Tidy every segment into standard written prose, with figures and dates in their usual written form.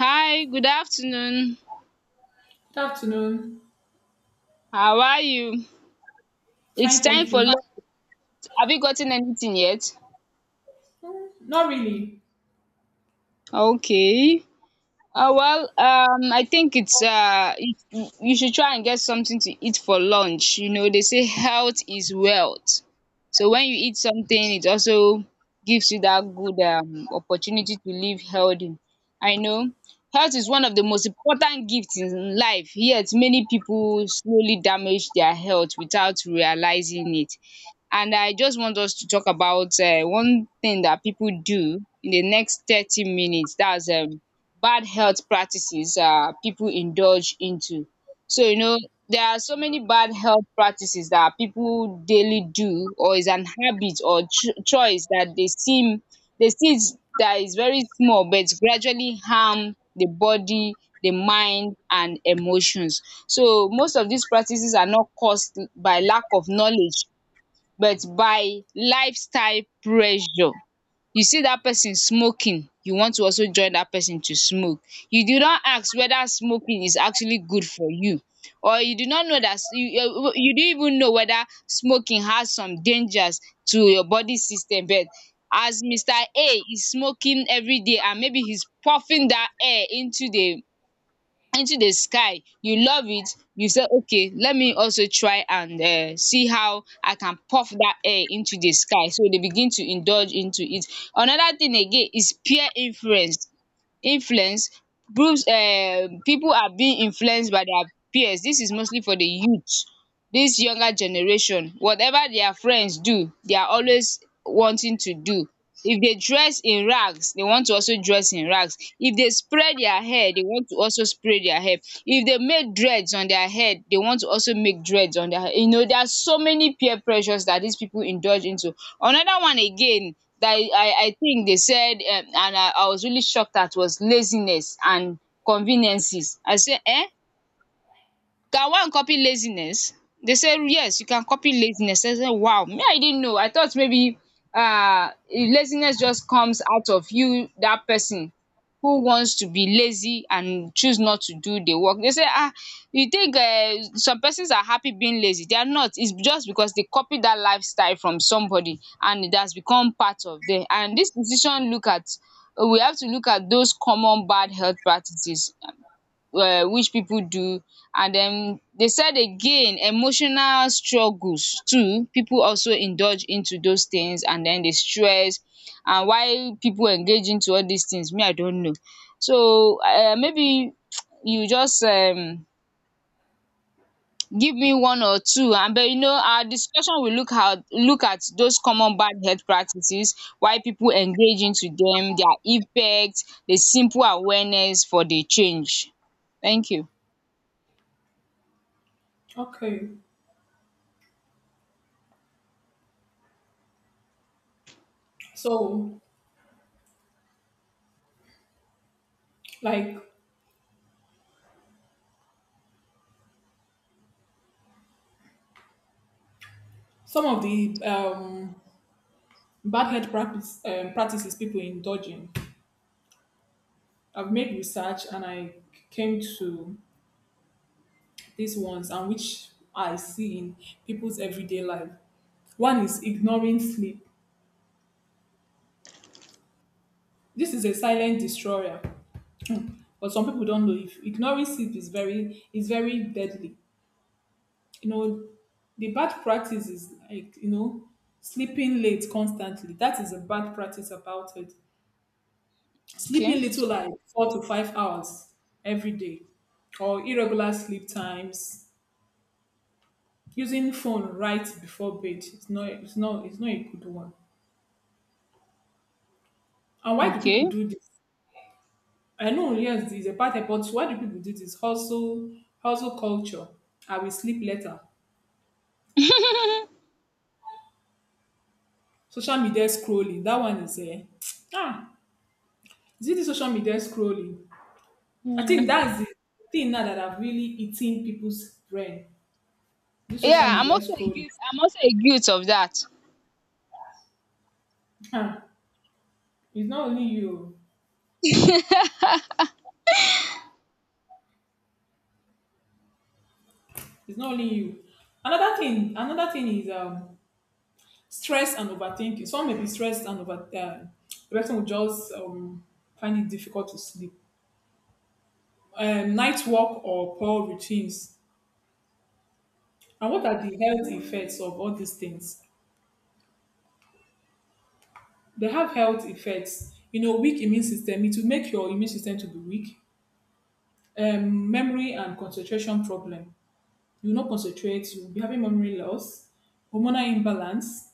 Hi, good afternoon. Good afternoon. How are you? It's Fine, time thank for you. Hi. lunch. Have you gotten anything yet? Not really. Okay. I think it's you should try and get something to eat for lunch. They say health is wealth. So when you eat something, it also gives you that good opportunity to live healthy. I know health is one of the most important gifts in life. Yet many people slowly damage their health without realizing it. And I just want us to talk about one thing that people do in the next 30 minutes. That's bad health practices people indulge into. So there are so many bad health practices that people daily do or is an habit or choice that they see it that is very small but gradually harm the body, the mind and emotions. So most of these practices are not caused by lack of knowledge but by lifestyle pressure. You see that person smoking, you want to also join that person to smoke. You do not ask whether smoking is actually good for you, or you do not know that you didn't even know whether smoking has some dangers to your body system. But as mr a is smoking every day and maybe he's puffing that air into the sky, you love it. You say, okay, let me also try and see how I can puff that air into the sky, so they begin to indulge into it. Another thing again is peer influence groups. People are being influenced by their peers. This is mostly for the youth. This younger generation, whatever their friends do they are always wanting to do. If they dress in rags they want to also dress in rags. If they spray their hair they want to also spray their hair. If they make dreads on their head they want to also make dreads on their head. There are so many peer pressures that these people indulge into. Another one again that I think they said and I was really shocked at was laziness and conveniences. I say eh. Can one copy laziness? They say yes you can copy laziness. I say wow, me I didn't know, I thought maybe laziness just comes out of you, that person who wants to be lazy and choose not to do the work. They say you think some persons are happy being lazy? They are not. It's just because they copy that lifestyle from somebody and it has become part of them, and this decision, look at we have to look at those common bad health practices which people do. And then they said again emotional struggles too, people also indulge into those things and then they stress. And why people engage into all these things, me I don't know. So maybe you just give me one or two. And but our discussion will look at those common bad health practices, why people engage into them, their impact, the simple awareness for the change. Thank you. Okay. So, like some of the bad health practices people indulge in, I've made research and I came to these ones and which I see in people's everyday life. One is ignoring sleep. This is a silent destroyer. Hmm. But some people don't know if ignoring sleep is very deadly. you know the bad practice is like, you know, sleeping late constantly. That is a bad practice about it. Okay. Sleeping little, like 4 to 5 hours every day, or irregular sleep times, using phone right before bed. It's not a good one. And why do people Okay. do this? I know, yes, it's a bad habit, but why do people do this? Hustle culture. I will sleep later. Social media scrolling, that one is a ah. Is it the social media scrolling? I think Mm. that's the thing now that have really eaten people's brain. This social Yeah, I'm media also a scrolling. guilt I'm also a guilt of that. Ah, it's not only you. It's not only you. Another thing is stress and overthinking. Some may be stressed and over the person will just find it difficult to sleep. Night work or poor routines. And what are the health effects of all these things? They have health effects. You know, weak immune system. It will make your immune system to be weak, memory and concentration problem. You will not concentrate, you will be having memory loss, hormonal imbalance,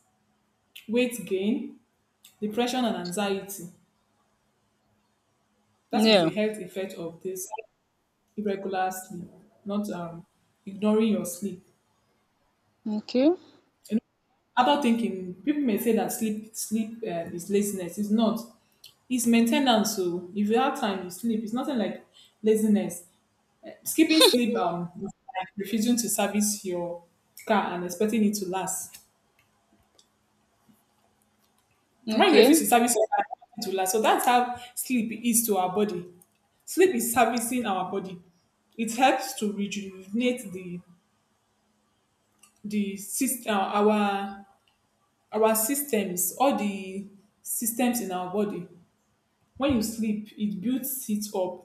weight gain, depression, and anxiety. That is the Yeah. health effect of this irregular sleep, not ignoring your sleep. Okay. You know, adult thinking, people may say that sleep is laziness. It's not. It's maintenance. So if you have time, you sleep. It's nothing like laziness. Skipping sleep is like refusing to service your car and expecting it to last. When you refuse Okay. to service your body, it will last. So that's how sleep is to our body. Sleep is servicing our body. It helps to rejuvenate the system, our systems, all the systems in our body. When you sleep, it builds it up.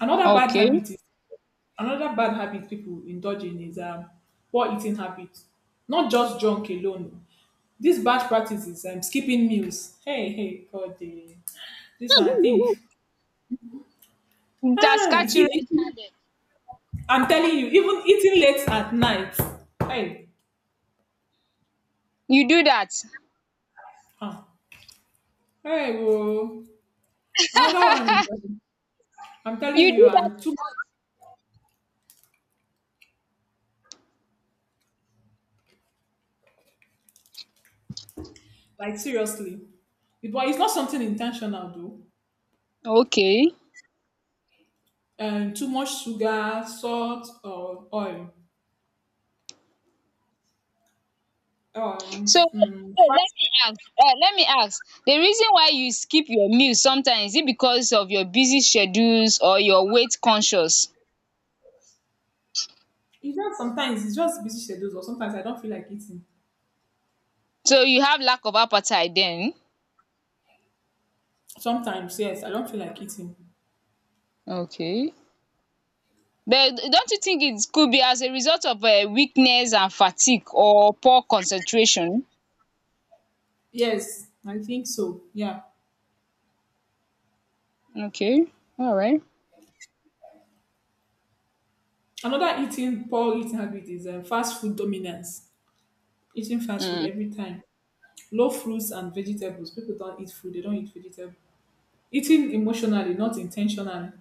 Another bad Okay. habit is another bad habit people indulge in is poor eating habits. Not just junk alone. This bad practice is skipping meals. Hey, hey, God, eh. This one I think. That's Ah, you catch you see, red handed. I'm telling you, even eating late at night. Hey, You do that. huh, hey, whoa. Another one is, I'm telling You you, do that and too a much, like seriously. But it's not something intentional though. lot. Okay. Too much sugar, salt, or oil. So wait, wait, let Fast. me ask. Let me ask. The reason why you skip your meals sometimes, is it because of your busy schedules or your weight conscious? It's just sometimes, it's just busy schedules, or sometimes I don't feel like eating. So you have lack of appetite then? Sometimes yes, I don't feel like eating. Okay. But don't you think it could be as a result of weakness and fatigue or poor concentration? Yes, I think so, yeah. Okay, all right. Another eating poor eating habit is fast food dominance, eating fast food Mm. every time. Low fruits and vegetables, people don't eat fruit, they don't eat vegetables. Eating emotionally, not intentionally.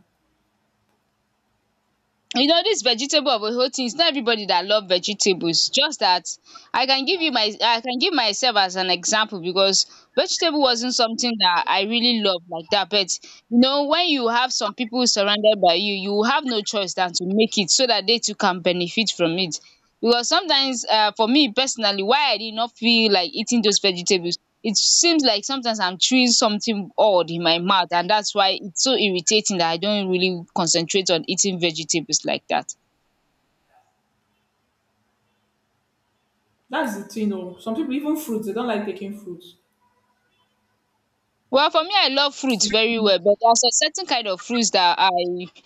you know this vegetable of a whole thing, its not everybody that love vegetables. Just that, I can give myself as an example, because vegetable wasn't something that I really love like that. But when you have some people surrounded by you have no choice than to make it so that they too can benefit from it. Because sometimes for me personally, why I did not feel like eating those vegetables, it seems like sometimes I'm chewing something odd in my mouth, and that's why it's so irritating that I don't really concentrate on eating vegetables like that. That's the thing. Oh, some people even fruits, they don't like taking fruits. Well, for me, I love fruits Like, very well, but there's a certain kind of fruits that I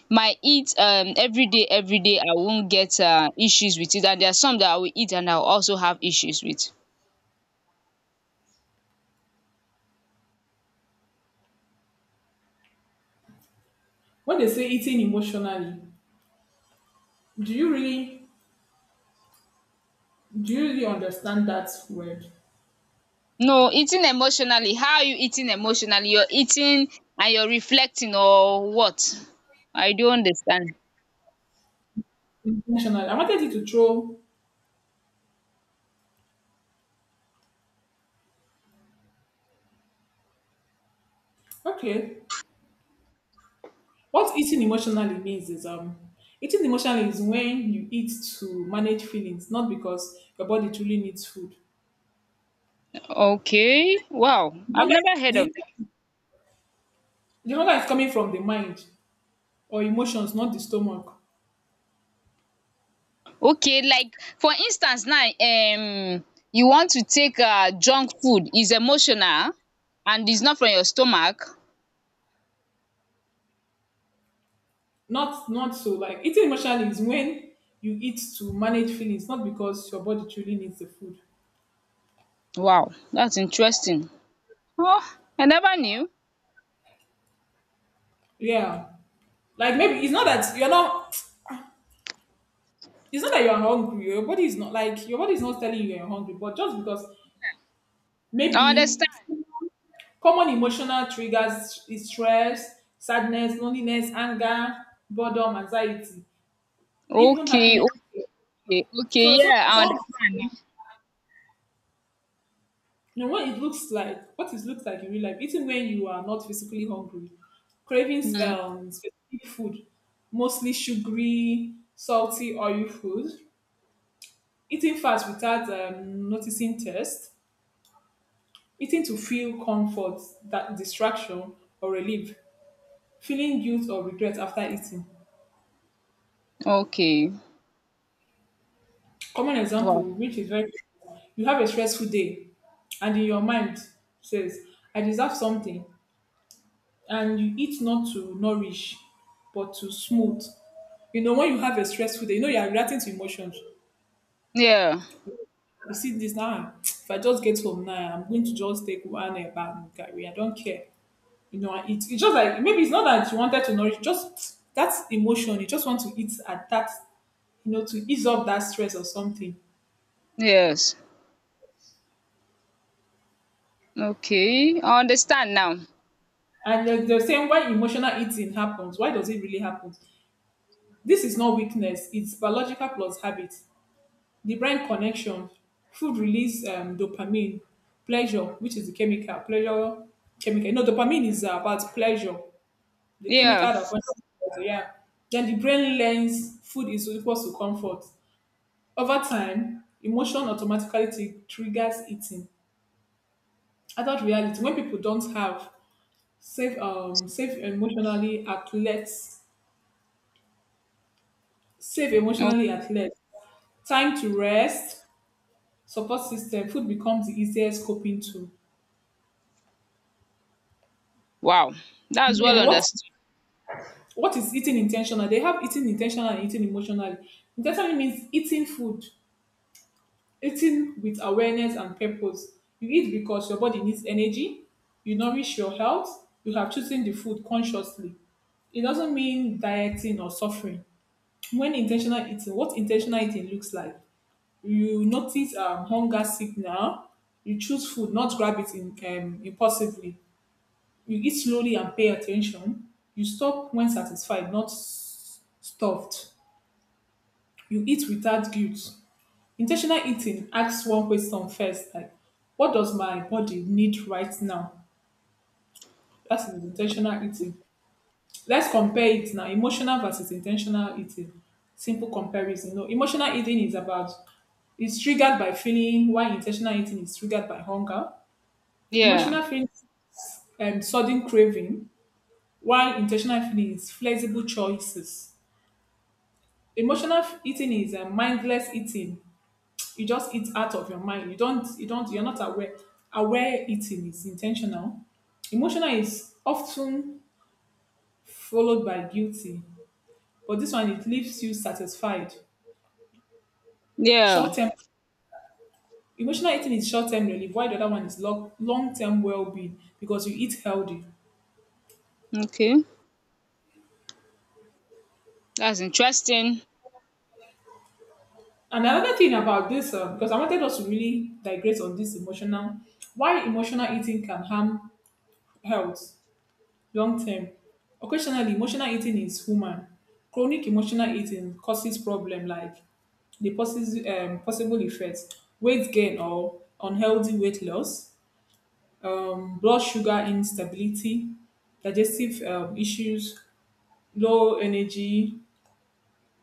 might eat every day, every day. I won't get issues with it, and there are some that I will eat and I'll also have issues with. when they say eating emotionally, do you really do you really understand that word? No, eating emotionally. How are you eating emotionally? You're eating and you're reflecting, or what? I don't understand. Intentional. I wanted you to throw. Okay. What eating emotionally means is eating emotionally is when you eat to manage feelings, not because your body truly needs food. Okay, wow, The I've hunger, never heard of. the, the hunger is coming from the mind or emotions, not the stomach. Okay, like for instance now, you want to take junk food is emotional and is not from your stomach. Not, not so. Like, eating emotionally is when you eat to manage feelings, not because your body truly needs the food. Wow, thats interesting. Oh, I never knew. Yeah. Like maybe it's not that you're hungry. Your body is not, your body is not telling you you're hungry, but just because I maybe. understand. Common emotional triggers is stress, sadness, loneliness, anger, boredom, anxiety, even Okay. happiness. Okay. Okay. So sometimes Yeah, I someone, understand you know, what it looks like in real life, eating when you are not physically hungry, craving now. Specific food, mostly sugary, salty, oily food, eating fast without noticing taste, eating to feel comfort, that distraction or relief, feeling guilt or regret after eating. Okay. Common example, Wow. which is very, you have a stressful day and in your mind says, I deserve something, and you eat not to nourish but to smooth. You know, when you have a stressful day, you know you are reacting to emotions. Yeah. You see this now. If I just get home now, I'm going to just take one bath and carry. I don't care. You know, I eat. It's just like, maybe it's not that you wanted to nourish, just that emotion. You just want to eat at that, you know, to ease up that stress or something. Yes. Okay, I understand now. And they're saying why emotional eating happens. Why does it really happen? This is not weakness. It's biological plus habit. The brain connection, food release dopamine, pleasure, which is the chemical. Pleasure, chemical. No, dopamine is about pleasure. The Yeah. chemical that functions as pleasure. Yeah. Then the brain learns food is equals to comfort. Over time, emotion automatically triggers eating. Adult reality, when people don't have safe, safe emotionally athletes. Safe O. emotionally at least. Time to rest, support system, food becomes the easiest coping tool. Wow, thats well Then what understood. what is eating intentional? They have eating intentional and eating emotionally. Intentionally means eating food, eating with awareness and purpose. You eat because your body needs energy, you nourish your health, you have chosen the food consciously. It doesn't mean dieting or suffering. When intentional eating, what intentional eating looks like: you notice hunger signal, you choose food, not grab it in, impulsively. You eat slowly and pay attention. You stop when satisfied, not stuffed. You eat without guilt. Intentional eating asks one question first, like, what does my body need right now? That is intentional eating. Let's compare it now, emotional versus intentional eating. Simple comparison. No, emotional eating is about, it's triggered by feeling, while intentional eating is triggered by hunger. Yeah. Emotional feeding and sudden craving, while intentional feeding is flexible choices. Emotional eating is a mindless eating. You just eat out of your mind. You don't. You're not aware. Aware eating is intentional. Emotional is often followed by guilty, but this one it leaves you satisfied. Yeah. Short term emotional eating is short term relief, while the other one is long term well being because you eat healthy. Okay, thats interesting. And another thing about this, because I wanted us to really digress on this emotional, why emotional eating can harm health long term. Occasionally, emotional eating is human. Chronic emotional eating causes problem like the possible effects, weight gain or unhealthy weight loss, blood sugar instability, digestive issues, low energy,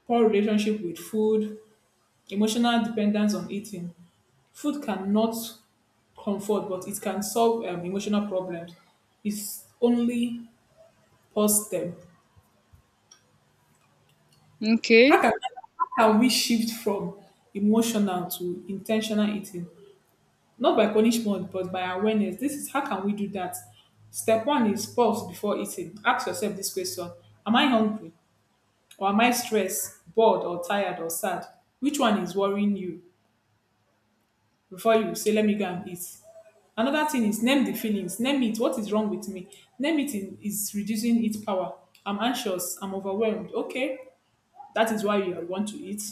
poor relationship with food, emotional dependence on eating. Food cannot comfort, but it can solve emotional problems. It's only positive. How Okay. can, how can we shift from emotional to intentional eating? Not by punishment, but by awareness. This is, how can we do that? Step one is pause before eating. Ask yourself this question. Am I hungry? Or am I stressed, bored, or tired, or sad? Which one is worrying you before you say, let me go and eat? Another thing is name the feelings. Name it. What is wrong with me? Is reducing its power. I'm anxious. I'm overwhelmed. Okay, that is why you want to eat.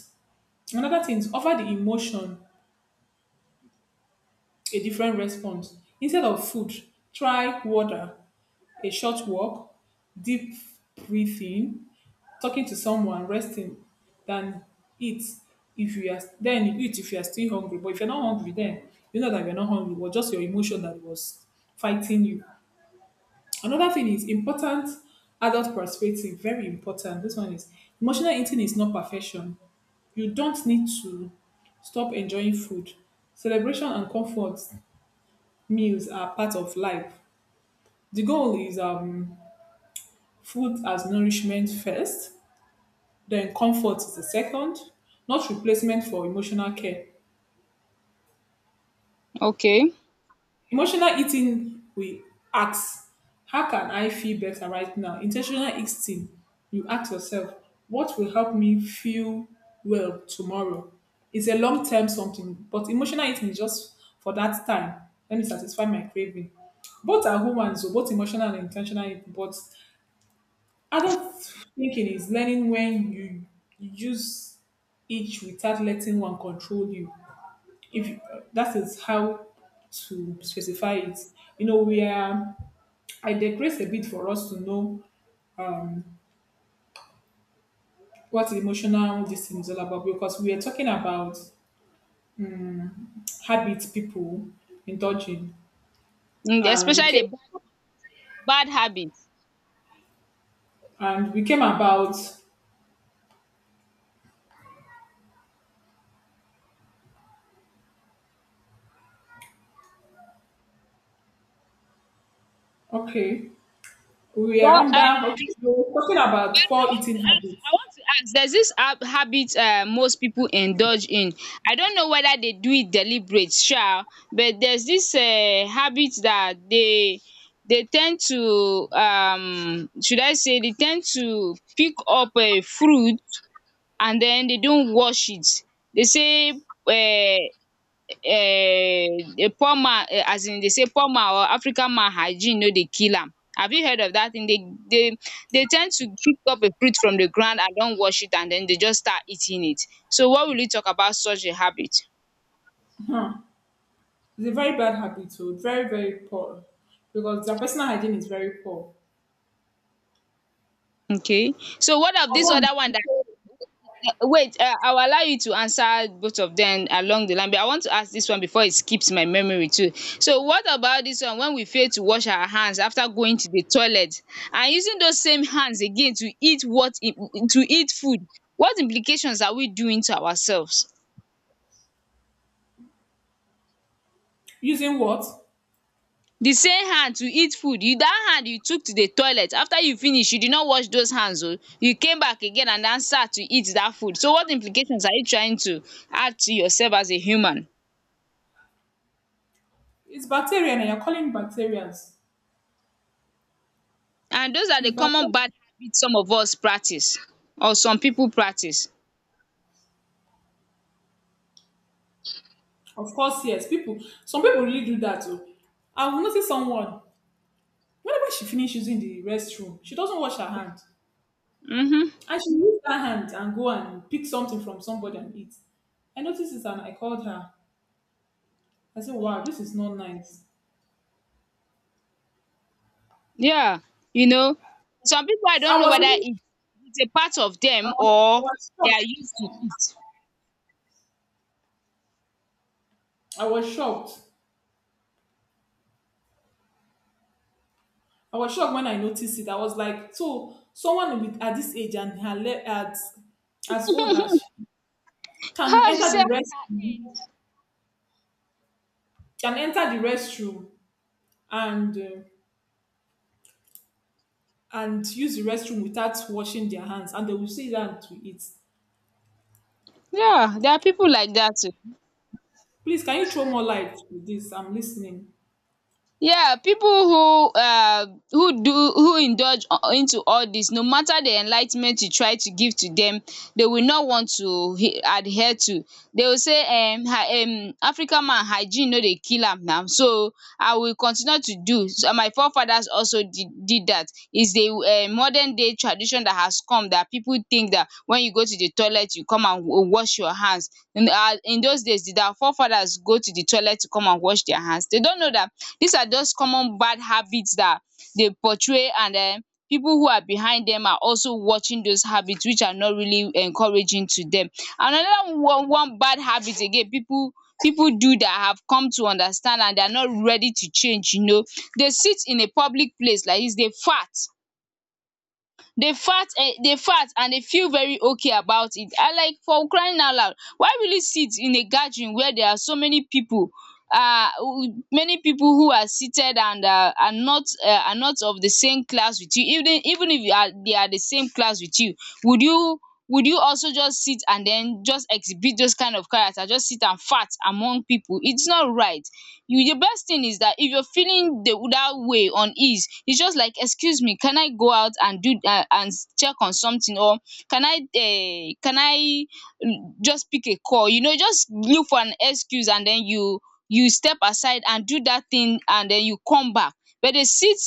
Another thing is offer the emotion a different response. Instead of food, try water, a short walk, deep breathing, talking to someone, resting, than eat if you are then you eat if you are still hungry. But if you're not hungry, then you know that you're not hungry, but just your emotion that was fighting you. Another thing is important adult perspective, very important. This one is, emotional eating is not perfection. You don't need to stop enjoying food. Celebration and comfort meals are part of life. The goal is food as nourishment first. Then comfort is the second, not replacement for emotional care. Okay. Emotional eating, we ask, how can I feel better right now? Intentional eating, you ask yourself, what will help me feel well tomorrow? It's a long term something, but emotional eating is just for that time. Let me satisfy my craving. Both are human, so both emotional and intentional eating. But adult thinking is learning when you use each without letting one control you. If that is how to specify it. You know, we are, I digress a bit for us to know what emotional this thing is all about, because we are talking about habits people indulge in, Mm, and we especially the came bad bad habits. and we came about, okay, we are Well, under, um, okay, we're talking about well, I poor want to eating ask habits. I want to ask, there's this habit most people indulge in. I don't know whether they do it deliberate sha, but there's this habit that they tend to should I say they tend to pick up fruit and then they don't wash it. They say um um a poor man, as in dey say poor man or African man hygeine no dey kill am. Have you heard of dat thing? Dey dey ten d to pick up a fruit from the ground and don wash it, and den dey just start eating it. So what will you talk about such a habit? Huh. It's a very bad habit, so very very poor, because their personal hygiene is very poor. Okay. So what of dis Also, other one dat, wait, I will allow you to answer both of dem along the line, but I want to ask dis one before it skips my memory too. So what about dis one when we fail to wash our hands after going to the toilet and using those same hands again to eat to eat food. What implications are we doing to ourselves? using what? The same hand to eat food. You, that hand you took to the toilet, after you finish you did not wash those hands. Oh, you came back again and now sat to eat that food, so what implications are you trying to add to yourself as a human? It's bacteria, and you're calling bacterias. And those are the It's common bacteria. bad habits some of us practice or some people practice, Of course, yes. People, some people really do that too. I've noticed someone, whenever she finishes using the restroom, she doesn't wash her hand. um And she use that hand and go and pick something from somebody and eat. I noticed it, and I called her. I said, wow, this is not nice. yeah. You know some people, I don't I know was, whether really- it is a part of them I or was they are shocked. used to it. I was shocked. I was shocked when I noticed it. I was like, so someone with at this age and at as old as she can Ah, you enter see. the restroom can enter the restroom and uh, and use the restroom without washing their hands and they will sit down to eat. Yeah, there are people like that. Please, can you throw more light to this? I'm listening. Yeah, people who do who indulge into all this, no matter the enlightenment you try to give to them, they will not want to adhere to. They will say, African man hygiene no dey kill am now, so I will continue to do. So my forefathers also did that. Is the modern day tradition that has come that people think that when you go to the toilet, you come and wash your hands. In those days, did our forefathers go to the toilet to come and wash their hands? They don't know that. These are just common bad habits that they portray, and people who are behind them are also watching those habits which are not really encouraging to them. Another one bad habit again, people do, that have come to understand and they are not ready to change. They sit in a public place like this, they fart, dey fat, dey fat and dey feel very okay about it. And like, for crying out loud, why will you sit in a gathering where there are so many people, many people who are seated and are not of the same class with you? Even if you are, they are the same class with you, would you would you also just sit and den just exhibit those kind of character, just sit and fat among people? It's not right. You, the best thing is that if you're feeling the that way on ease, it's just like, excuse me, can I go out and do, and check on something? Or can I, can I, just pick a call, you know, just look for an excuse, and then you step aside and do that thing and then you come back. But they sit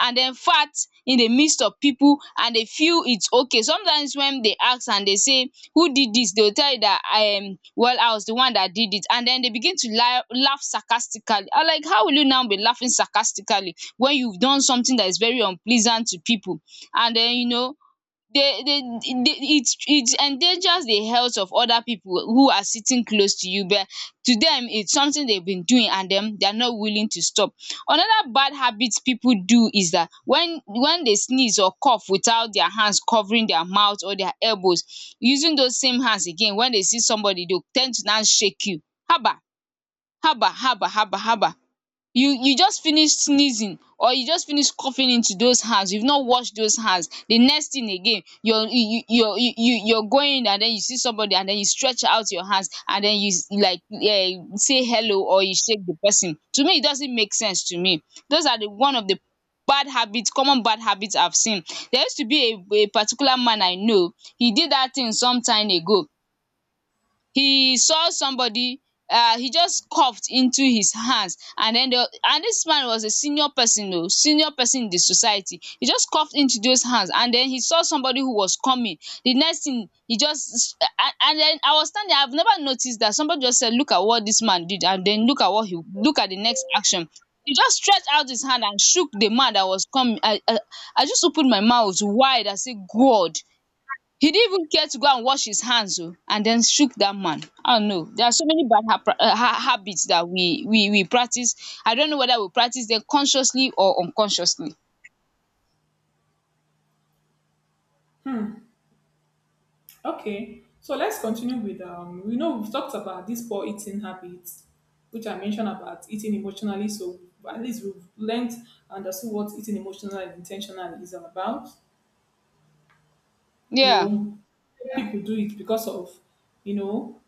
and then fat in the midst of people and they feel it's okay. Sometimes when they ask and they say, who did this, they will tell you that, um, well, I was the one that did it, and then they begin to lie, laugh sarcastically. I'm like, how will you now be laughing sarcastically when you've done something that is very unpleasant to people? And then, you know, they it endangers the health of other people who are sitting close to you. But to them, it's something they've been doing and then they're not willing to stop. Another bad habit people do is that when they sneeze or cough without their hands covering their mouth or their elbows, using those same hands again, when they see somebody, they tend to now shake you. Haba haba haba haba haba, you just finish sneezing or you just finish coughing into those hands, you've not washed those hands, the next thing again you're you're going and then you see somebody and then you stretch out your hands and then you s- like, eh, say hello, or you shake the person. To me, it doesn't make sense to me. Those are the one of the bad habits, common bad habits I've seen. There used to be a particular man I know, he did that thing some time ago. He saw somebody, he just coughed into his hands and then the, and this man was a senior person o, senior person in the society. He just coughed into those hands and then he saw somebody who was coming, the next thing he just, and then I was standing, I've never noticed that. Somebody just said, look at what this man did, and then look at what he, look at the next action. He just stretched out his hand and shook the man that was coming. I I just opened my mouth wide. I said, God, he didn't even care to go and wash his hands, oh, and then shook that man. Oh no, there are so many habits that we practice. I don't know whether we practice them consciously or unconsciously. Okay, so let's continue with. We know we've talked about these poor eating habits, which I mentioned about eating emotionally. So at least we've learned and understood what eating emotionally and intentionally is all about. You Yeah. know, people do it because of you know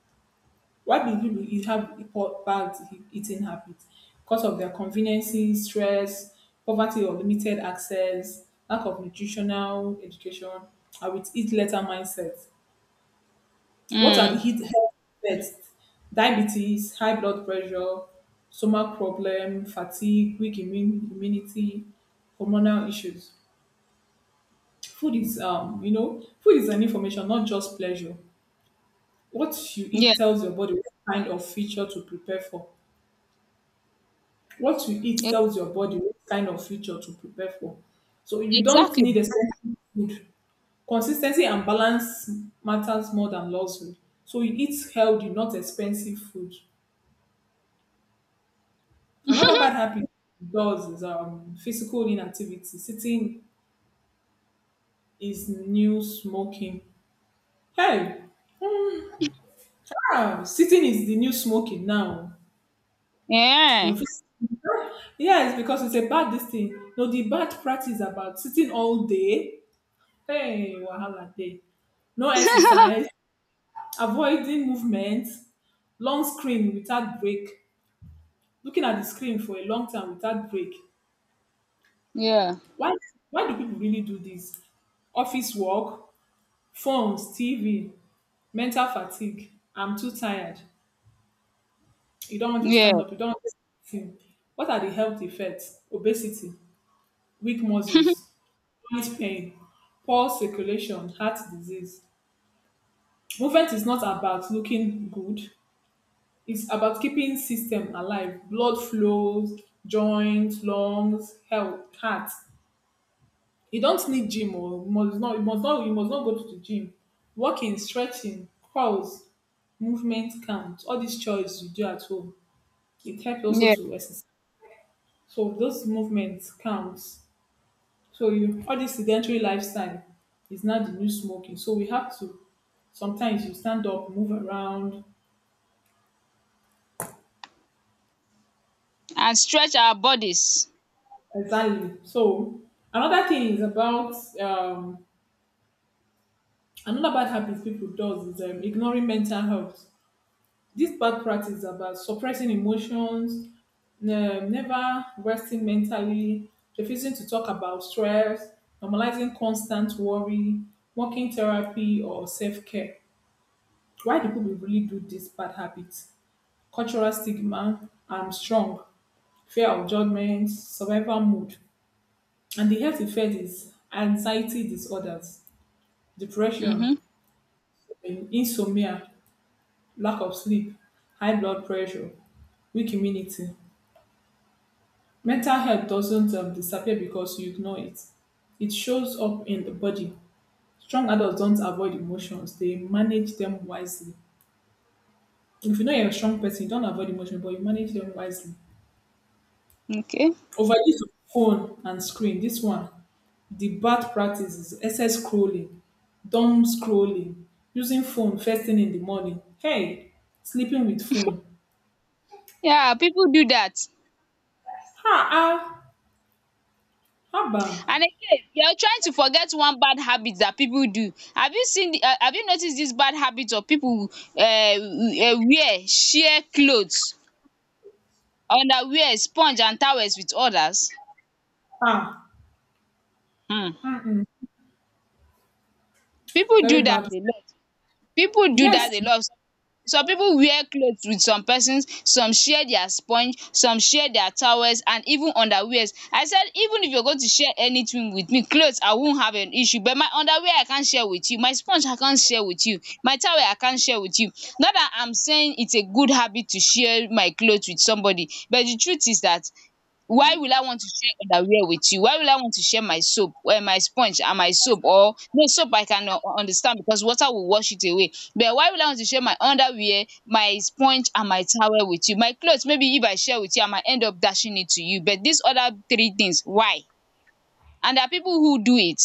Why do people have poor bad eating habits? Because of their conveniences, stress, poverty or limited access, lack of nutritional education, and with eat later mindset. What are the Mm. heat health effects? Diabetes, high blood pressure, stomach problem, fatigue, weak immune, immunity, hormonal issues. Food is, you know, food is an information, not just pleasure. What you Yeah. eat tells your body what kind of feature to prepare for. What you eat Ex- tells your body what kind of future to prepare for. So you don't Exactly. need expensive food. Consistency and balance matters more than luxury. So you eat healthy, not expensive food. Another bad habit it does is physical inactivity. Sitting is new smoking. Hey, ah, sitting is the new smoking now. You Yeah. know, phys- yes, because it's a bad this thing. No, the bad practice about sitting all day. Hey, wahala dey. No exercise, avoiding movement, long screen without break, looking at the screen for a long time without break. Yeah. Why why do people really do this? Office work, phones, TV, mental fatigue. I'm too tired. You don't want to stand Yeah. up, you don't want to sit. What are the health effects? Obesity, weak muscles, joint pain, poor circulation, heart disease. Movement is not about looking good. It's about keeping system alive, blood flows, joints, lungs, health, heart. You don't need gym or you must not go to the gym. Walking, stretching, crawls, movement count. All these chores you do at home. It helps also Yeah. to exercise. So those movements counts. So you all this sedentary lifestyle is now the new smoking. So we have to sometimes you stand up, move around. And stretch our bodies. Exactly. So another thing is about um, Another bad habit people does is ignoring mental health. This bad practice is about suppressing emotions, never resting mentally, refusing to talk about stress, normalizing constant worry, working therapy or self-care. Why do people really do this bad habit? Cultural stigma, I'm strong, fear of judgment, survival mode. And the health effect is anxiety disorders, depression, Mm-hmm. and insomnia, lack of sleep, high blood pressure, weak immunity. Mental health doesn't disappear because you ignore it. It shows up in the body. Strong adults don't avoid emotions, they manage them wisely. If you know you're a strong person, you don't avoid emotions, but you manage them wisely. Okay. Overuse of phone and screen. This one, the bad practice is excess scrolling, dumb scrolling, using phone first thing in the morning. Hey, sleeping with phone. Yeah, people do that. Ha ah, haba, And again, you are trying to forget one bad habit that people do. Have you seen the, have you noticed this bad habit of people wear sheer clothes, underwear, sponge and towels with others? ha. um People Very do that bad. a lot. People do Yes, that a lot. Some people wear clothes with some persons, some share their sponge, some share their towels and even underwears. I said, even if you're going to share anything with me, clothes, I won't have an issue, but my underwear I can't share with you, my sponge I can't share with you, my towel I can't share with you. Not that I'm saying it's a good habit to share my clothes with somebody, but the truth is that. Why will I want to share underwear with you? Why will I want to share my soap, my sponge and my soap, or no soap I can, understand because water will wash it away, but why will I want to share my underwear, my sponge and my towel with you? My cloth maybe if I share with you I might end up dashing it to you, but dis other three things, why? And there are people who do it,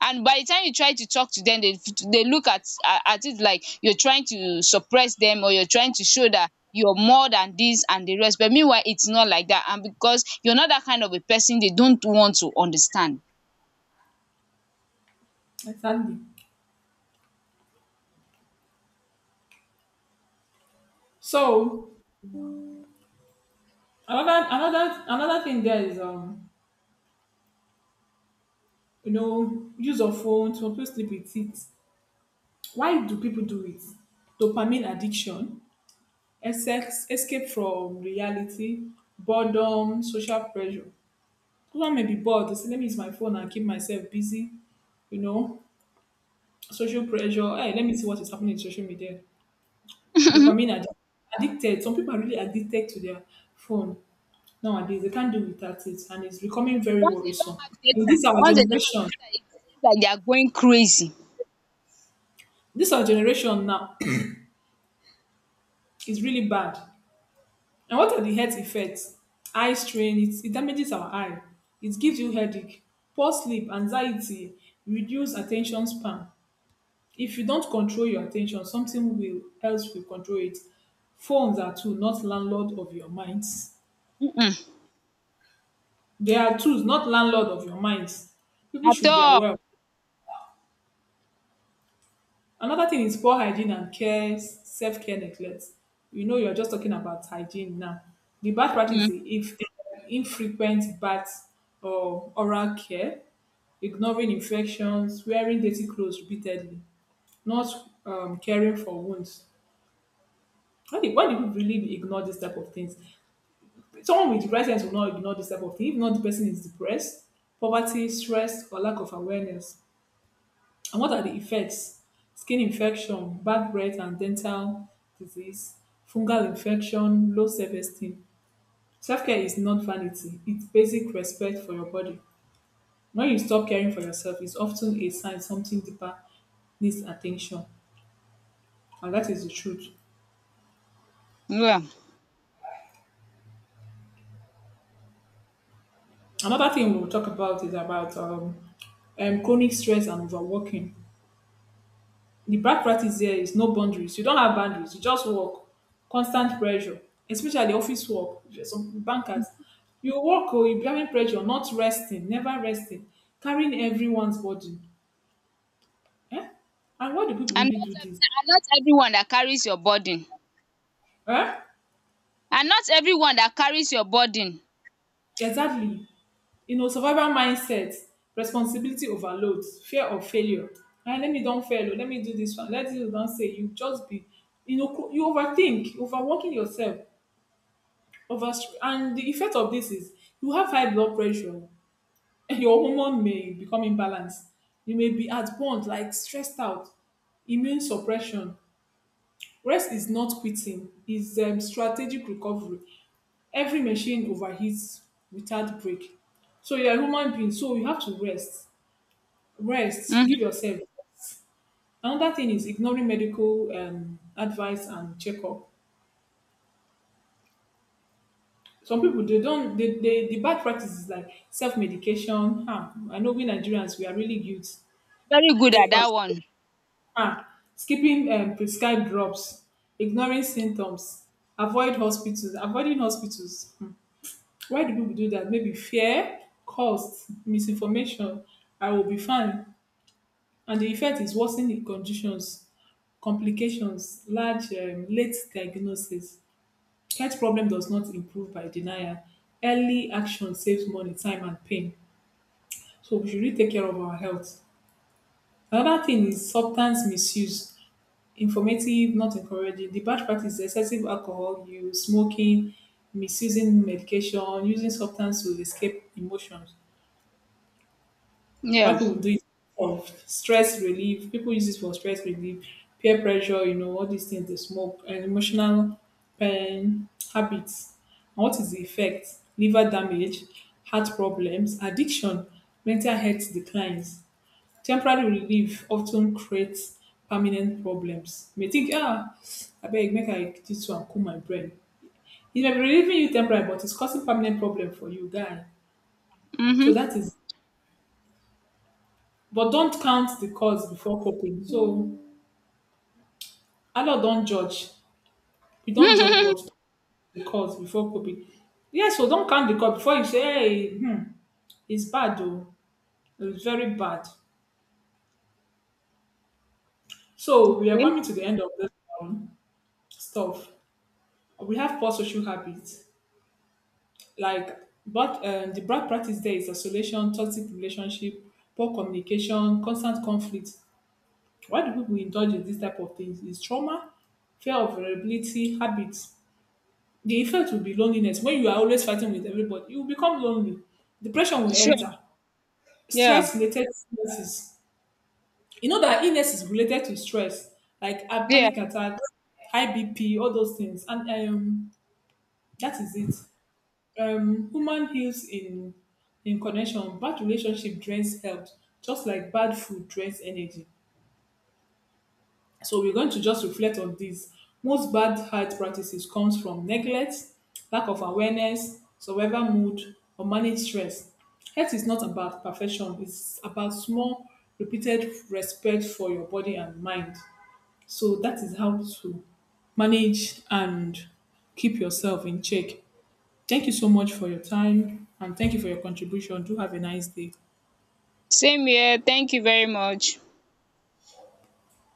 and by the time you try to talk to them, they, look at it like you're trying to suppress them, or you're trying to show that you're more than this and the rest, but meanwhile it's not like that, and because you're not that kind of a person they don't want to understand. exactly. So another thing there is you know use of phone to people sleep with it. Why do people do it? Dopamine addiction, sex, escape from reality, boredom, social pressure. Someone may be bored. They say, "Let me use my phone and keep myself busy." You know, social pressure. Hey, let me see what is happening in social media. Once Addicted. Some people are really addicted to their phone. Nowadays they can't do without it and it's becoming very they worrisome. don't have So data this our once they don't have generation data it seems like they are going crazy. this our generation now is really bad. And what are the health effects? Eye strain, it damages our eye. It gives you headache, poor sleep, anxiety, reduced attention span. If you don't control your attention something will else will control it. Phones are tools, not landlord of your minds. Mm-mm. They are tools, not landlord of your minds. People At should be aware. all. Another thing is poor hygiene and care, self-care neglect. You know, you're just talking about hygiene now. The bad practice Mm, is if infrequent baths or oral care, ignoring infections, wearing dirty clothes repeatedly, not caring for wounds. Why do people really ignore this type of things? Someone with the right sense will not ignore this type of thing. If not, the person is depressed, poverty, stress, or lack of awareness. And what are the effects? Skin infection, bad breath and dental disease, fungal infection, low self esteem. Self care is not vanity, it's basic respect for your body. When you stop caring for yourself, it's often a sign something deeper needs attention. And that is the truth. yeah. Another thing we'll talk about is about chronic stress and overworking. The bad practice here is no boundaries. You don't have boundaries. You just work. Constant pressure, especially office work. Some bankers, you work oh, you be having pressure, not resting, never resting, carrying everyone's burden. Eh? And why do people and really not do ev- this? and not everyone that carries your burden, Eh? and not everyone that carries your burden. Exactly. You know, survival mindset, responsibility overload, fear of failure. Eh, let me don't fail. Oh, let me do this one. Let this don't say you just be. You know, you overthink, overworking yourself. And the effect of this is you have high blood pressure and your hormone may become imbalanced. You may be at point, like stressed out, immune suppression. Rest is not quitting, it's strategic recovery. Every machine overheats without break. So you're a human being, so you have to rest. Rest, Mhm. give yourself. Another thing is ignoring medical advice and checkup. Some people they don't they the bad practice is like self medication. Ah, I know we Nigerians we are really guilty. Very good Take at part. that one. Ah, skipping prescribed drops, ignoring symptoms, avoiding hospitals. Hmm. Why do people do that? Maybe fear, cost, misinformation. I will be fine, and the effect is worsening conditions, complications, large late diagnosis. Health problem does not improve by denial. Early action saves money, time, and pain. So we should really take care of our health. Another thing is substance misuse. Informative, not encouraging. The bad practice is excessive alcohol use, smoking, misusing medication, using substance to escape emotions. Why Yeah. people do it for stress relief. People use it for stress relief, peer pressure, you know, all these things they smoke, and emotional pain, habits. And what is the effect? Liver damage, heart problems, addiction, mental health declines. Temporary relief often creates permanent problems. You may think, ah, I beg, make I this one cool my brain. It may be relieving you temporary, but it's causing permanent problem for you, guy. So Mm-hmm. that is. But don't count the cause before coping. So Allah don't judge. You don't judge but the cause before coping. Yes, so don't count the cause before you say, hey, hmm, it's bad though. It's very bad. So we are coming to the end of this um, stuff. We have poor social habits. Like but the bad practice there is isolation, toxic relationship, poor communication, constant conflict. Why do people indulge in this type of things? Is trauma, fear of vulnerability, habits. The effect will be loneliness. When you are always fighting with everybody, you will become lonely. Depression will Sure. enter. Yeah. Stress related illnesses. You know that illness is related to stress, like Yeah. panic attack, high BP, all those things. And that is it. Human heals in connection. Bad relationship drains health, just like bad food drains energy. So we're going to just reflect on this. Most bad health practices comes from neglect, lack of awareness, survival mood, or managed stress. Health is not about perfection. It's about small, repeated respect for your body and mind. So that is how to manage and keep yourself in check. Thank you so much for your time and thank you for your contribution. Do have a nice day. Same here. Thank you very much.